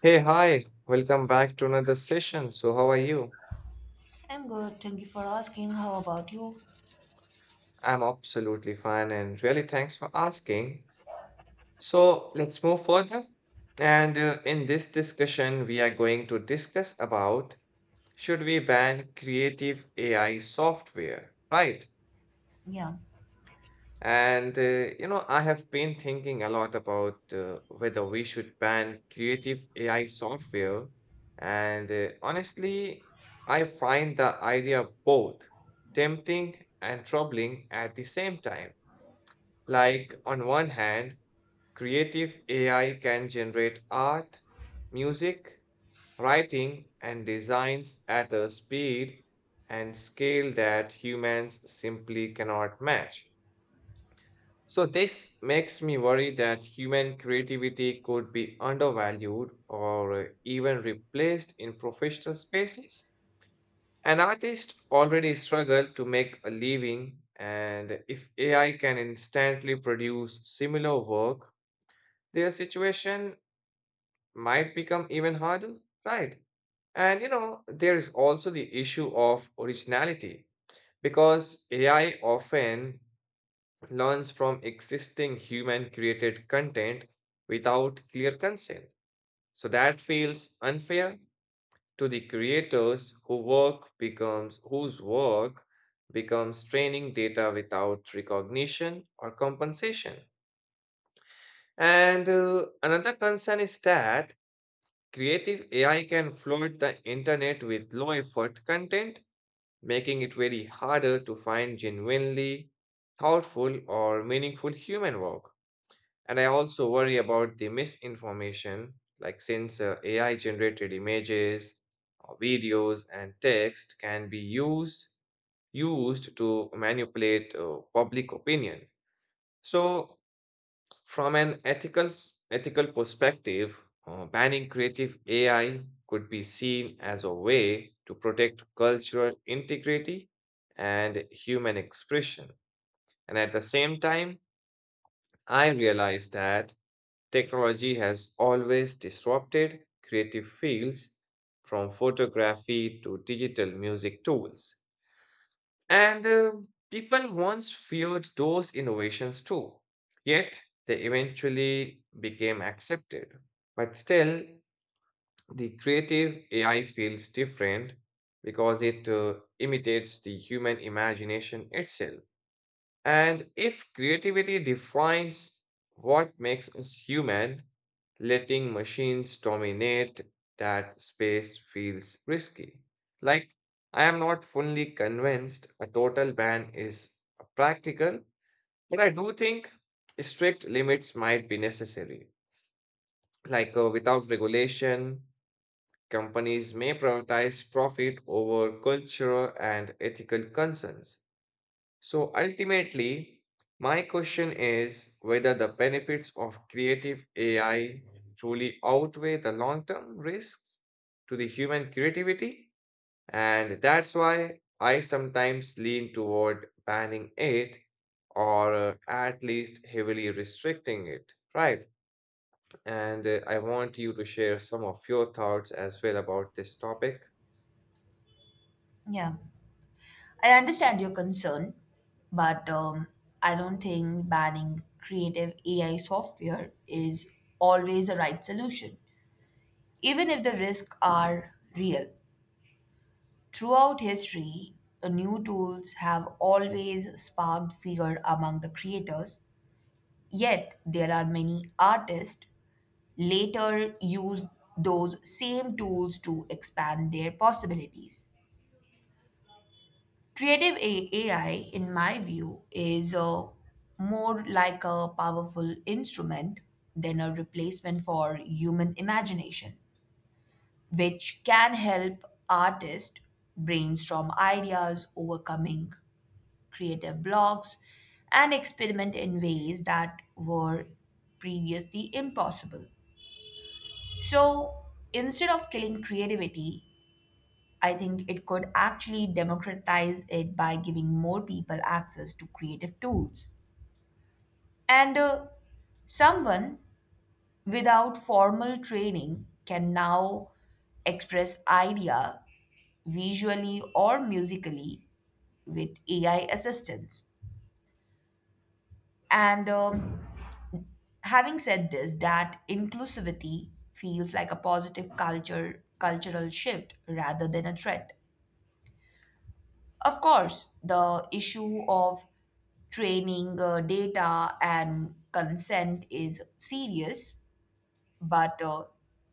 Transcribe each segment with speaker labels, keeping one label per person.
Speaker 1: Hey, hi, welcome back to another session. So, how are you?
Speaker 2: I'm good. Thank you for asking. How about you?
Speaker 1: I'm absolutely fine and really thanks for asking. So, let's move further. And in this discussion, we are going to discuss about should we ban creative AI software, right?
Speaker 2: Yeah,
Speaker 1: And, uh, I have been thinking a lot about whether we should ban creative AI software. And honestly, I find the idea both tempting and troubling at the same time. Like, on one hand, creative AI can generate art, music, writing, and designs at a speed and scale that humans simply cannot match. So, this makes me worry that human creativity could be undervalued or even replaced in professional spaces. An artist already struggle to make a living, and if AI can instantly produce similar work, their situation might become even harder, right? And you know, there is also the issue of originality because AI often learns from existing human created content without clear consent. So that feels unfair to the creators whose work becomes training data without recognition or compensation. And another concern is that creative AI can flood the internet with low effort content, making it very harder to find genuinely thoughtful or meaningful human work. And I also worry about the misinformation, like since AI generated images, videos, and text can be used to manipulate public opinion. So, from an ethical perspective, banning creative AI could be seen as a way to protect cultural integrity and human expression. And at the same time, I realize that technology has always disrupted creative fields from photography to digital music tools. And people once feared those innovations too, yet they eventually became accepted. But still, the creative AI feels different because it imitates the human imagination itself. And if creativity defines what makes us human, letting machines dominate that space feels risky. Like, I am not fully convinced a total ban is practical, but I do think strict limits might be necessary. Without regulation, companies may prioritize profit over cultural and ethical concerns. So ultimately, my question is whether the benefits of creative AI truly outweigh the long term risks to the human creativity. And that's why I sometimes lean toward banning it or at least heavily restricting it. Right. And I want you to share some of your thoughts as well about this topic.
Speaker 2: yeah. I understand your concern, but I don't think banning creative AI software is always the right solution, even if the risks are real. Throughout history, the new tools have always sparked fear among the creators, yet, there are many artists later use those same tools to expand their possibilities. AI, in my view, is more like a powerful instrument than a replacement for human imagination, which can help artists brainstorm ideas, overcoming creative blocks, and experiment in ways that were previously impossible. So instead of killing creativity, I think it could actually democratize it by giving more people access to creative tools. And someone without formal training can now express idea visually or musically with AI assistance. And having said this, that inclusivity feels like a positive culture cultural shift rather than a threat. Of course, the issue of training data and consent is serious, but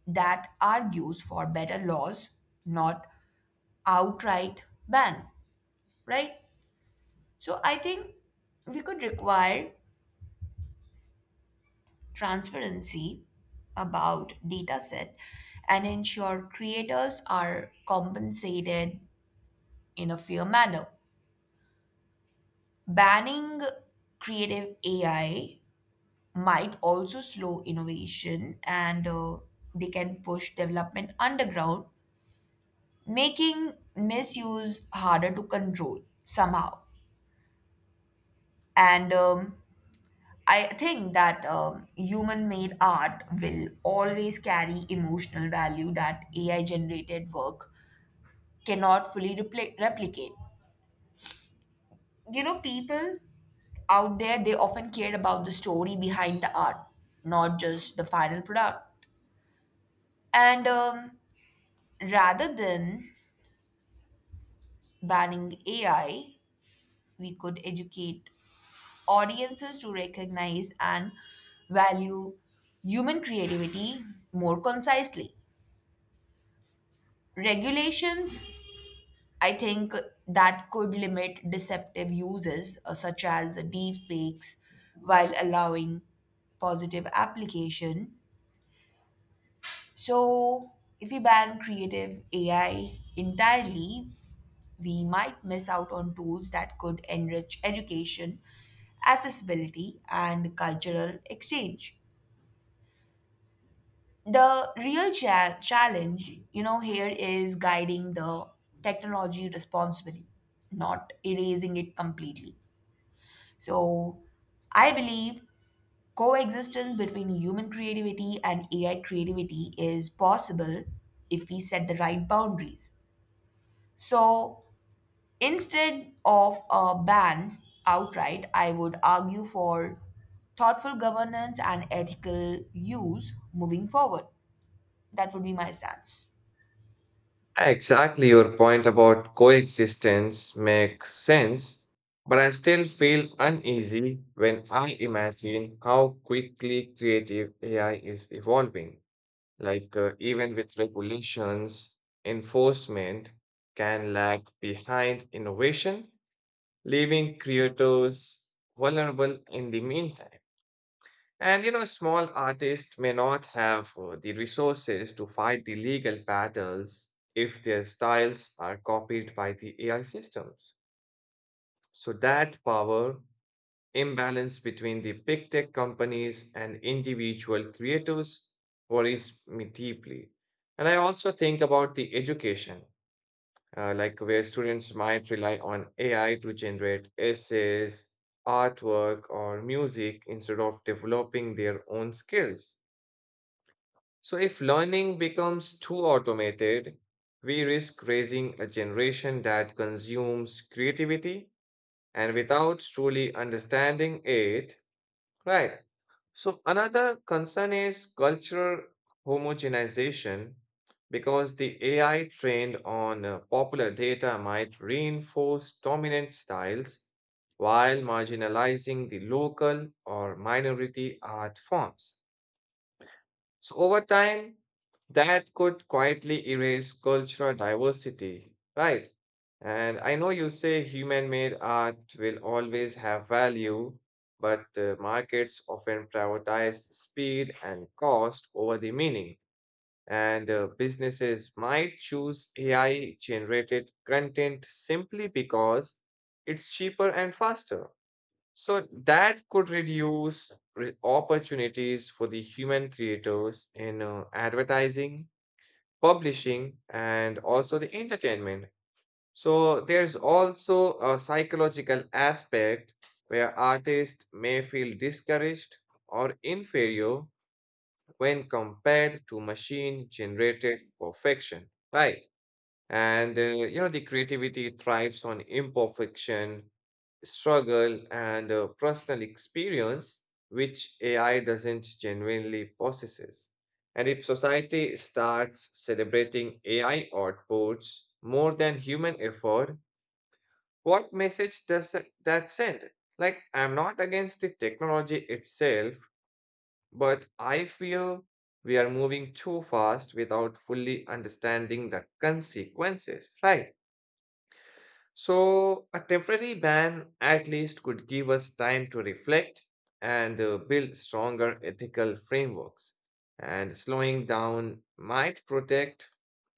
Speaker 2: that argues for better laws, not outright ban, right? So I think we could require transparency about data set and ensure creators are compensated in a fair manner. Banning creative AI might also slow innovation and they can push development underground, making misuse harder to control somehow. And I think that human made art will always carry emotional value that AI generated work cannot fully replicate. You know, people out there, they often care about the story behind the art, not just the final product. And rather than banning AI, we could educate audiences to recognize and value human creativity more concisely. Regulations, I think that could limit deceptive uses such as deep fakes while allowing positive application. So, if we ban creative AI entirely, we might miss out on tools that could enrich education, accessibility, and cultural exchange. The real challenge, you know, here is guiding the technology responsibly, not erasing it completely. So, I believe coexistence between human creativity and AI creativity is possible if we set the right boundaries. So, instead of a ban outright, I would argue for thoughtful governance and ethical use moving forward. That would be my stance.
Speaker 1: Exactly, your point about coexistence makes sense, but I still feel uneasy when I imagine how quickly creative AI is evolving. Even with regulations, enforcement can lag behind innovation, leaving creators vulnerable in the meantime. And you know, small artists may not have the resources to fight the legal battles if their styles are copied by the AI systems. So, that power imbalance between the big tech companies and individual creators worries me deeply. And I also think about the education, like where students might rely on AI to generate essays, artwork, or music instead of developing their own skills. So, if learning becomes too automated, we risk raising a generation that consumes creativity and without truly understanding it, right? So, another concern is cultural homogenization because the AI trained on popular data might reinforce dominant styles while marginalizing the local or minority art forms. So over time, that could quietly erase cultural diversity, right? And I know you say human-made art will always have value, but markets often prioritize speed and cost over the meaning. And businesses might choose AI-generated content simply because it's cheaper and faster. So that could reduce opportunities for the human creators in advertising, publishing, and also the entertainment. So there's also a psychological aspect where artists may feel discouraged or inferior when compared to machine generated perfection, right? And you know, the creativity thrives on imperfection struggle, and personal experience, which AI doesn't genuinely possesses. And if society starts celebrating AI outputs more than human effort, what message does that send? Like, I'm not against the technology itself, but I feel we are moving too fast without fully understanding the consequences, right? So, a temporary ban at least could give us time to reflect and build stronger ethical frameworks. And slowing down might protect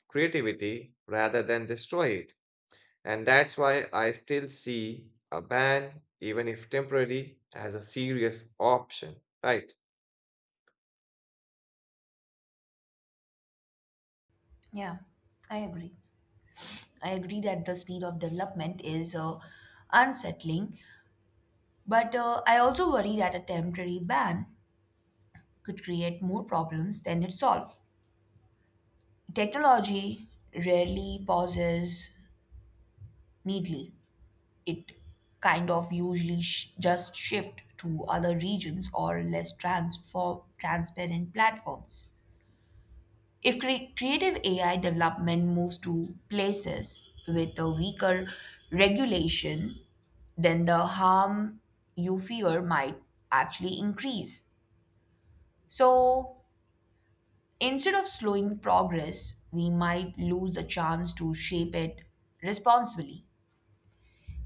Speaker 1: creativity rather than destroy it. And that's why I still see a ban, even if temporary, as a serious option, right?
Speaker 2: Yeah, I agree. I agree that the speed of development is unsettling, but I also worry that a temporary ban could create more problems than it solves. Technology rarely pauses neatly, it kind of usually just shift to other regions or less transform transparent platforms. If creative AI development moves to places with a weaker regulation, then the harm you fear might actually increase. So instead of slowing progress, we might lose the chance to shape it responsibly.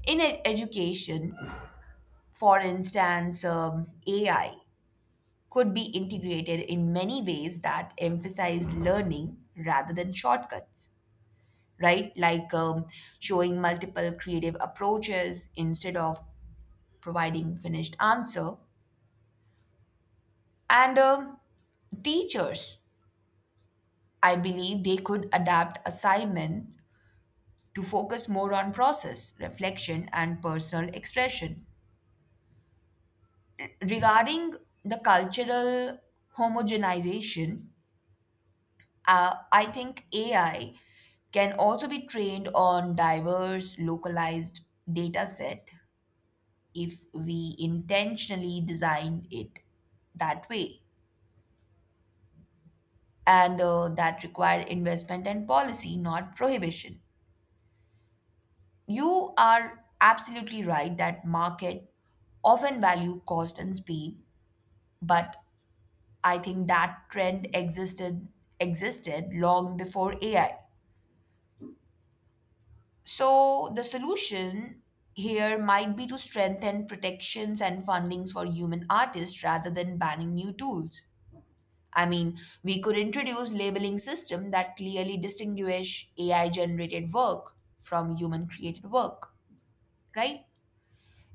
Speaker 2: In education, for instance, AI could be integrated in many ways that emphasize learning rather than shortcuts, right? Like showing multiple creative approaches instead of providing finished answer. And teachers, I believe they could adapt assignment to focus more on process, reflection, and personal expression. Regarding the cultural homogenization, I think AI can also be trained on diverse localized data set if we intentionally design it that way. And that require investment and policy, not prohibition. You are absolutely right that market often value cost and speed, but I think that trend existed long before AI. So the solution here might be to strengthen protections and fundings for human artists rather than banning new tools. I mean, we could introduce labeling system that clearly distinguish AI generated work from human created work, right?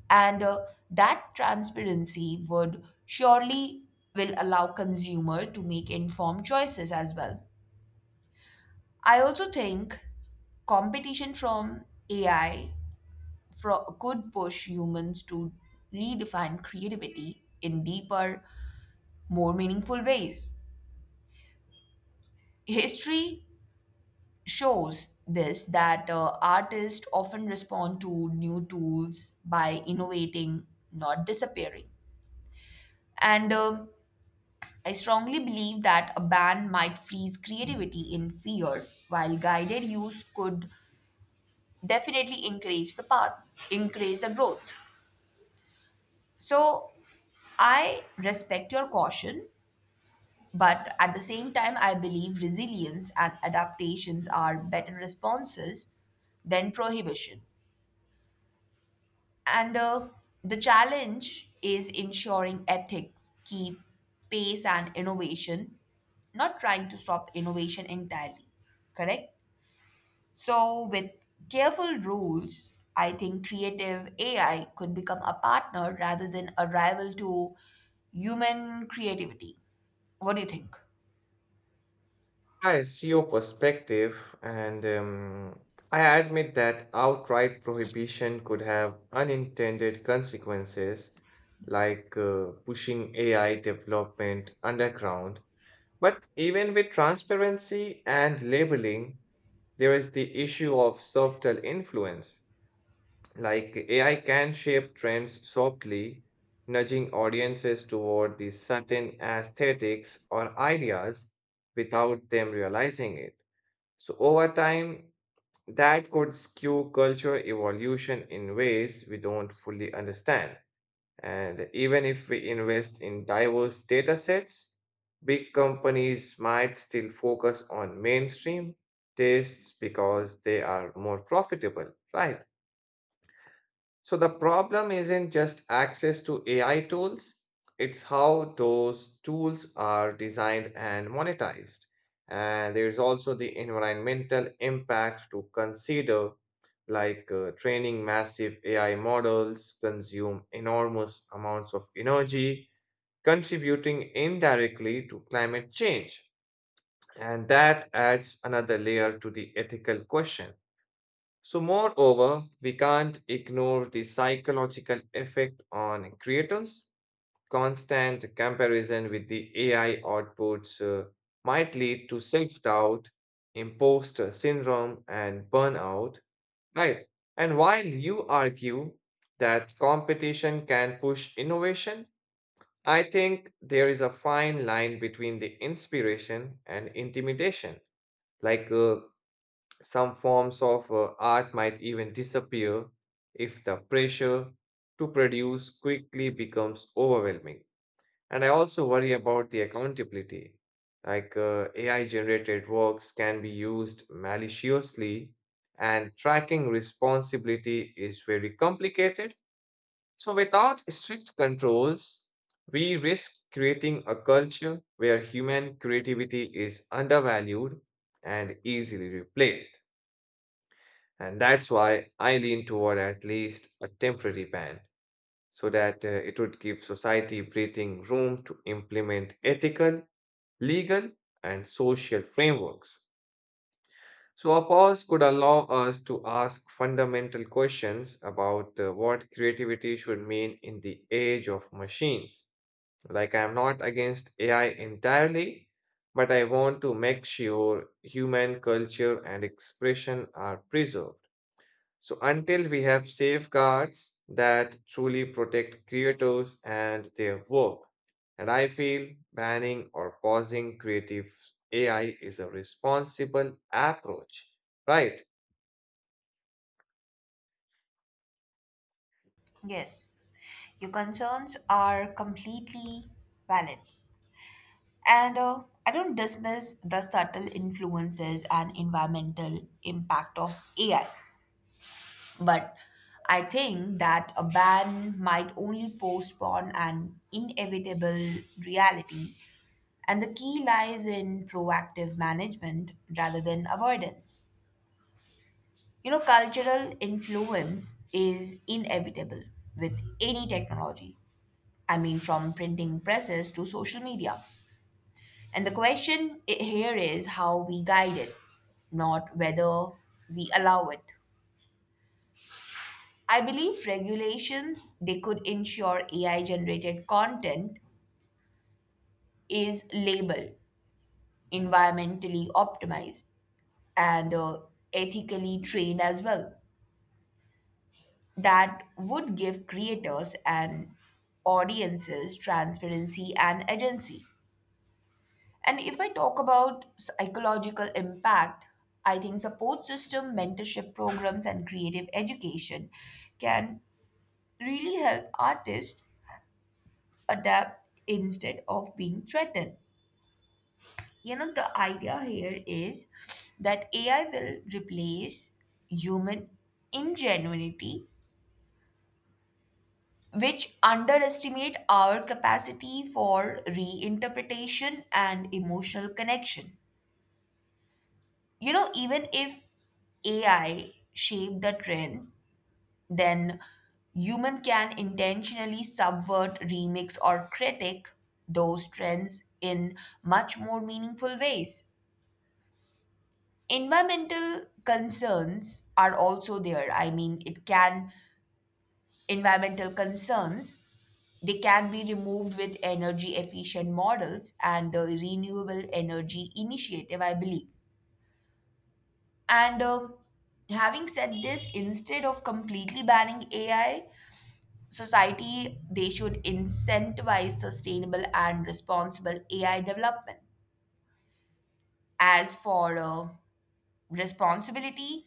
Speaker 2: And that transparency would surely will allow consumer to make informed choices as well. I also think competition from AI could push humans to redefine creativity in deeper, more meaningful ways. History shows this that artists often respond to new tools by innovating, not disappearing. And I strongly believe that a ban might freeze creativity in fear, while guided use could definitely encourage the growth. So I respect your caution, but at the same time, I believe resilience and adaptations are better responses than prohibition. And the challenge is ensuring ethics keep pace and innovation, not trying to stop innovation entirely. Correct? So, with careful rules, I think creative AI could become a partner rather than a rival to human creativity. What do you think?
Speaker 1: I see your perspective, and I admit that outright prohibition could have unintended consequences, like pushing AI development underground. But even with transparency and labeling, there is the issue of subtle influence. Like AI can shape trends softly, nudging audiences toward the certain aesthetics or ideas without them realizing it. So, over time, that could skew culture evolution in ways we don't fully understand. And even if we invest in diverse data sets, big companies might still focus on mainstream tastes because they are more profitable, right? So the problem isn't just access to AI tools, it's how those tools are designed and monetized. And there's also the environmental impact to consider, like training massive AI models consume enormous amounts of energy, contributing indirectly to climate change. And that adds another layer to the ethical question. So, moreover, we can't ignore the psychological effect on creators. Constant comparison with the AI outputs might lead to self doubt, imposter syndrome, and burnout, right? And while you argue that competition can push innovation, I think there is a fine line between the inspiration and intimidation. Like, uh, some forms of art might even disappear if the pressure to produce quickly becomes overwhelming. And I also worry about the accountability. AI generated works can be used maliciously, and tracking responsibility is very complicated. So, without strict controls, we risk creating a culture where human creativity is undervalued and easily replaced. And that's why I lean toward at least a temporary ban so that it would give society breathing room to implement ethical, legal, and social frameworks. So, a pause could allow us to ask fundamental questions about what creativity should mean in the age of machines. Like, I'm not against AI entirely, but I want to make sure human culture and expression are preserved. So until we have safeguards that truly protect creators and their work, and I feel banning or pausing creative AI is a responsible approach, right?
Speaker 2: Yes. Your concerns are completely valid. And I don't dismiss the subtle influences and environmental impact of AI. But I think that a ban might only postpone an inevitable reality. And the key lies in proactive management rather than avoidance. You know, cultural influence is inevitable with any technology. I mean, from printing presses to social media. And the question here is how we guide it, not whether we allow it. I believe regulation they could ensure AI generated content is labeled, environmentally optimized, and ethically trained as well. That would give creators and audiences transparency and agency. And if I talk about psychological impact, I think support system, mentorship programs, and creative education can really help artists adapt instead of being threatened. You know, the idea here is that AI will replace human ingenuity, which underestimate our capacity for reinterpretation and emotional connection. You know, even if AI shape the trend, then human can intentionally subvert, remix, or critic those trends in much more meaningful ways. Environmental concerns are also there. I mean, it can environmental concerns they can be removed with energy efficient models and the renewable energy initiative, I believe. And having said this, instead of completely banning AI, society they should incentivize sustainable and responsible AI development. As for responsibility,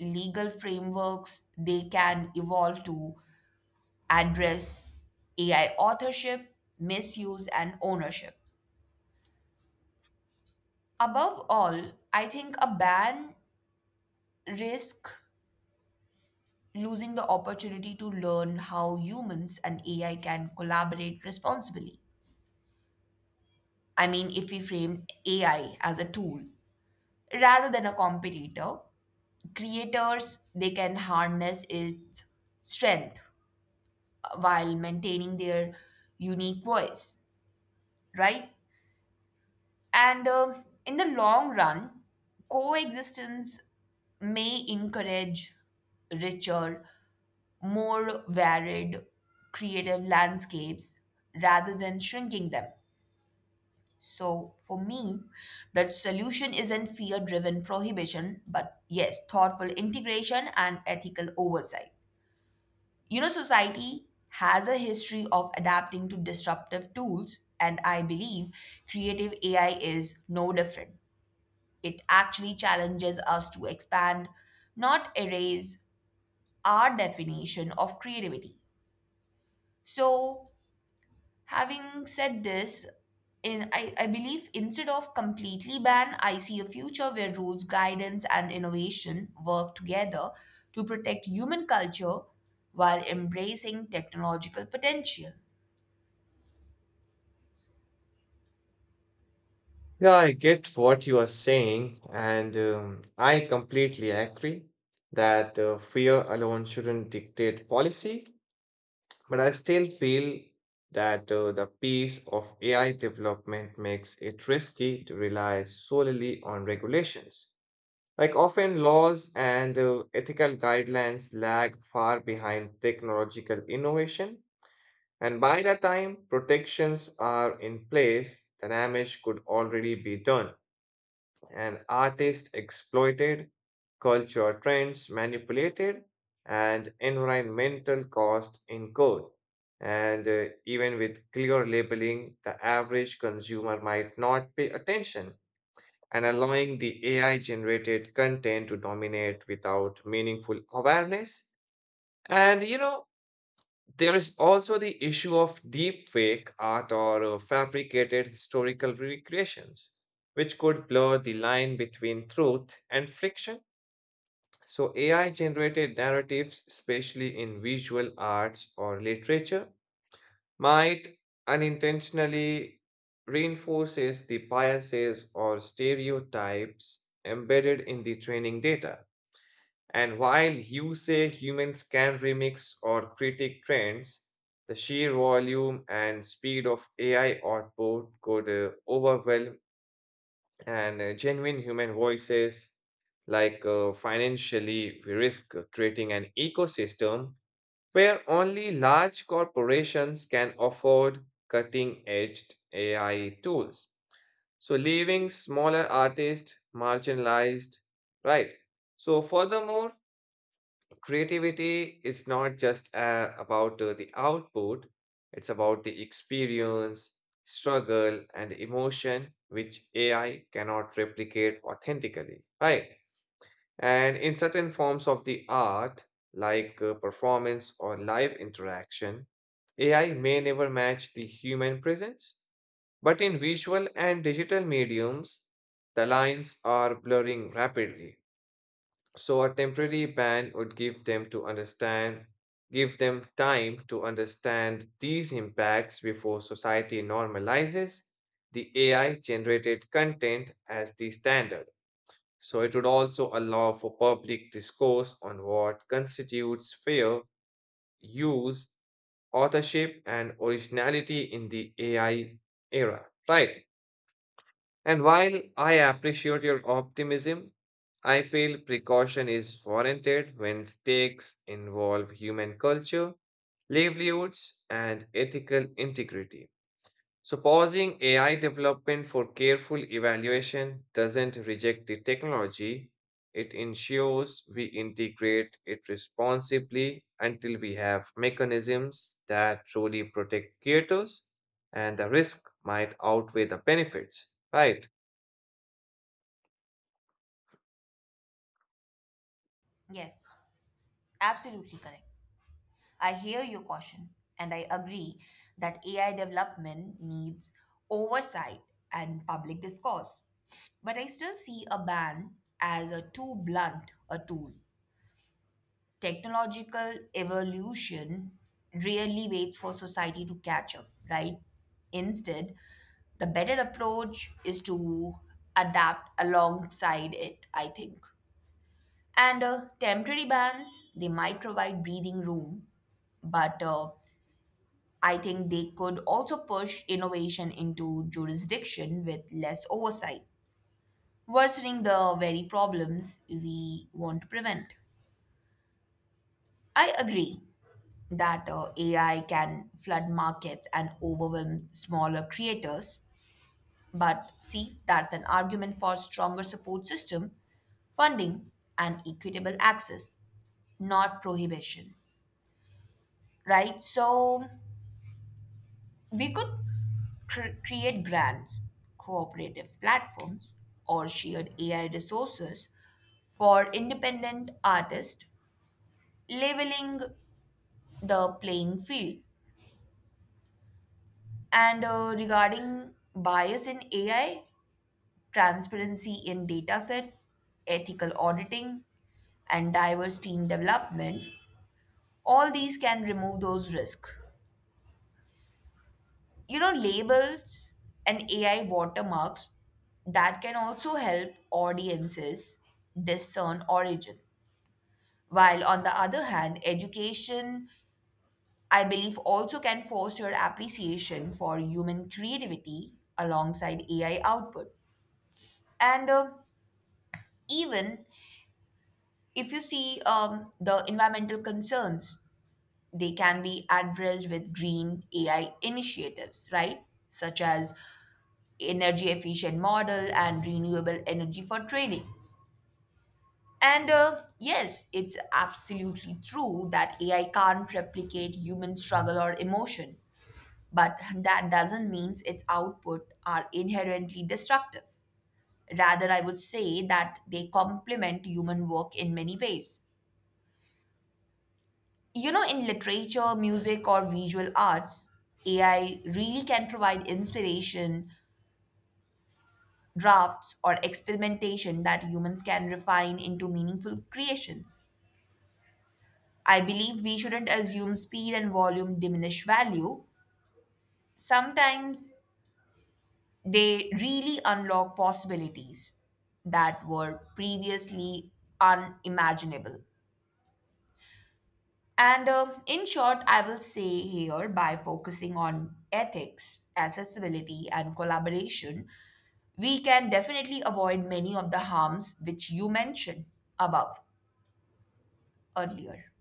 Speaker 2: legal frameworks they can evolve to address AI authorship, misuse, and ownership. Above all, I think a ban risk losing the opportunity to learn how humans and AI can collaborate responsibly. I mean, if we frame AI as a tool rather than a competitor, creators they can harness its strength while maintaining their unique voice, right? And in the long run, coexistence may encourage richer more varied creative landscapes rather than shrinking them. So, for me, the solution isn't fear driven prohibition, but yes, thoughtful integration and ethical oversight. You know, society has a history of adapting to disruptive tools, and I believe creative AI is no different. It actually challenges us to expand, not erase, our definition of creativity. So, having said this, I believe instead of completely ban, I see a future where rules, guidance, and innovation work together to protect human culture while embracing technological potential.
Speaker 1: Yeah, I get what you are saying, and I completely agree that fear alone shouldn't dictate policy. But I still feel that the pace of AI development makes it risky to rely solely on regulations. Like often, laws and ethical guidelines lag far behind technological innovation, and by the time protections are in place, the damage could already be done and artists exploited, culture trends manipulated, and environmental cost incurred. And even with clear labeling, the average consumer might not pay attention and allowing the AI generated content to dominate without meaningful awareness. And you know, there is also the issue of deepfake art or fabricated historical recreations, which could blur the line between truth and fiction. So, AI generated narratives, especially in visual arts or literature, might unintentionally reinforces the biases or stereotypes embedded in the training data. And while you say humans can remix or critique trends, the sheer volume and speed of AI output could overwhelm and genuine human voices. Like financially, we risk creating an ecosystem where only large corporations can afford cutting edge AI tools. So, leaving smaller artists marginalized, right? So, furthermore, creativity is not just about the output, it's about the experience, struggle, and emotion which AI cannot replicate authentically. Right. And in certain forms of the art, like performance or live interaction, AI may never match the human presence. But in visual and digital mediums, the lines are blurring rapidly. So a temporary ban would give them time to understand these impacts before society normalizes the AI generated content as the standard. So it would also allow for public discourse on what constitutes fair use, authorship, and originality in the AI era, right? And while I appreciate your optimism, I feel precaution is warranted when stakes involve human culture, livelihoods, and ethical integrity. So, pausing AI development for careful evaluation doesn't reject the technology, it ensures we integrate it responsibly until we have mechanisms that truly protect creators and the risk might outweigh the benefits, right?
Speaker 2: Yes, absolutely correct. I hear your caution, and I agree that AI development needs oversight and public discourse. But I still see a ban as a too blunt a tool. Technological evolution really waits for society to catch up, right? Instead, the better approach is to adapt alongside it, I think. And temporary bans, they might provide breathing room, but I think they could also push innovation into jurisdiction with less oversight, worsening the very problems we want to prevent. I agree that AI can flood markets and overwhelm smaller creators. But see, that's an argument for stronger support system, funding, and equitable access, not prohibition. Right? So we could create grants, cooperative platforms, or shared AI resources for independent artists, leveling the playing field. And regarding bias in AI, transparency in dataset, ethical auditing, and diverse team development, all these can remove those risks. You know, labels and AI watermarks that can also help audiences discern origin. While on the other hand, education, I believe, also can foster appreciation for human creativity alongside AI output. And even if you see the environmental concerns, they can be addressed with green AI initiatives, right? Such as energy efficient model and renewable energy for trading. And yes, it's absolutely true that AI can't replicate human struggle or emotion, but that doesn't mean its output are inherently destructive. Rather, I would say that they complement human work in many ways. You know, in literature, music, or visual arts, AI really can provide inspiration, drafts, or experimentation that humans can refine into meaningful creations. I believe we shouldn't assume speed and volume diminish value. Sometimes they really unlock possibilities that were previously unimaginable. And in short, I will say here by focusing on ethics, accessibility, and collaboration, we can definitely avoid many of the harms which you mentioned above earlier.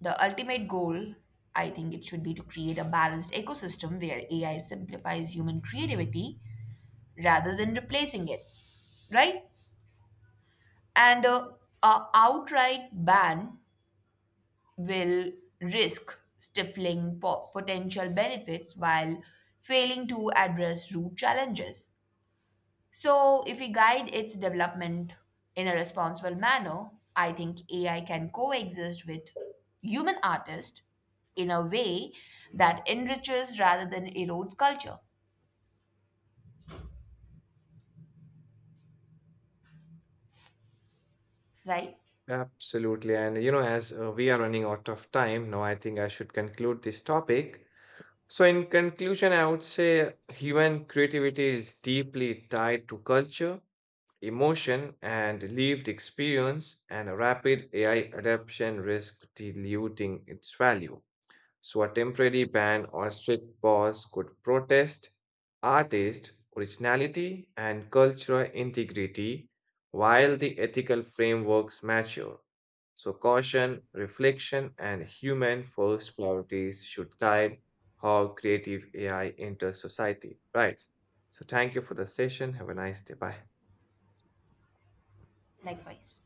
Speaker 2: The ultimate goal, I think it should be to create a balanced ecosystem where AI simplifies human creativity rather than replacing it, right? And a outright ban will risk stifling potential benefits while failing to address root challenges. So, if we guide its development in a responsible manner, I think AI can coexist with human artists in a way that enriches rather than erodes culture, right?
Speaker 1: Absolutely. As we are running out of time now, I think I should conclude this topic. So, in conclusion, I would say human creativity is deeply tied to culture, emotion, and lived experience, and a rapid AI adoption risks diluting its value. So a temporary ban or strict pause could protest artist originality and cultural integrity while the ethical frameworks mature. So caution, reflection, and human first priorities should guide how creative AI enters society. Right. So thank you for the session. Have a nice day. Bye.
Speaker 2: Likewise.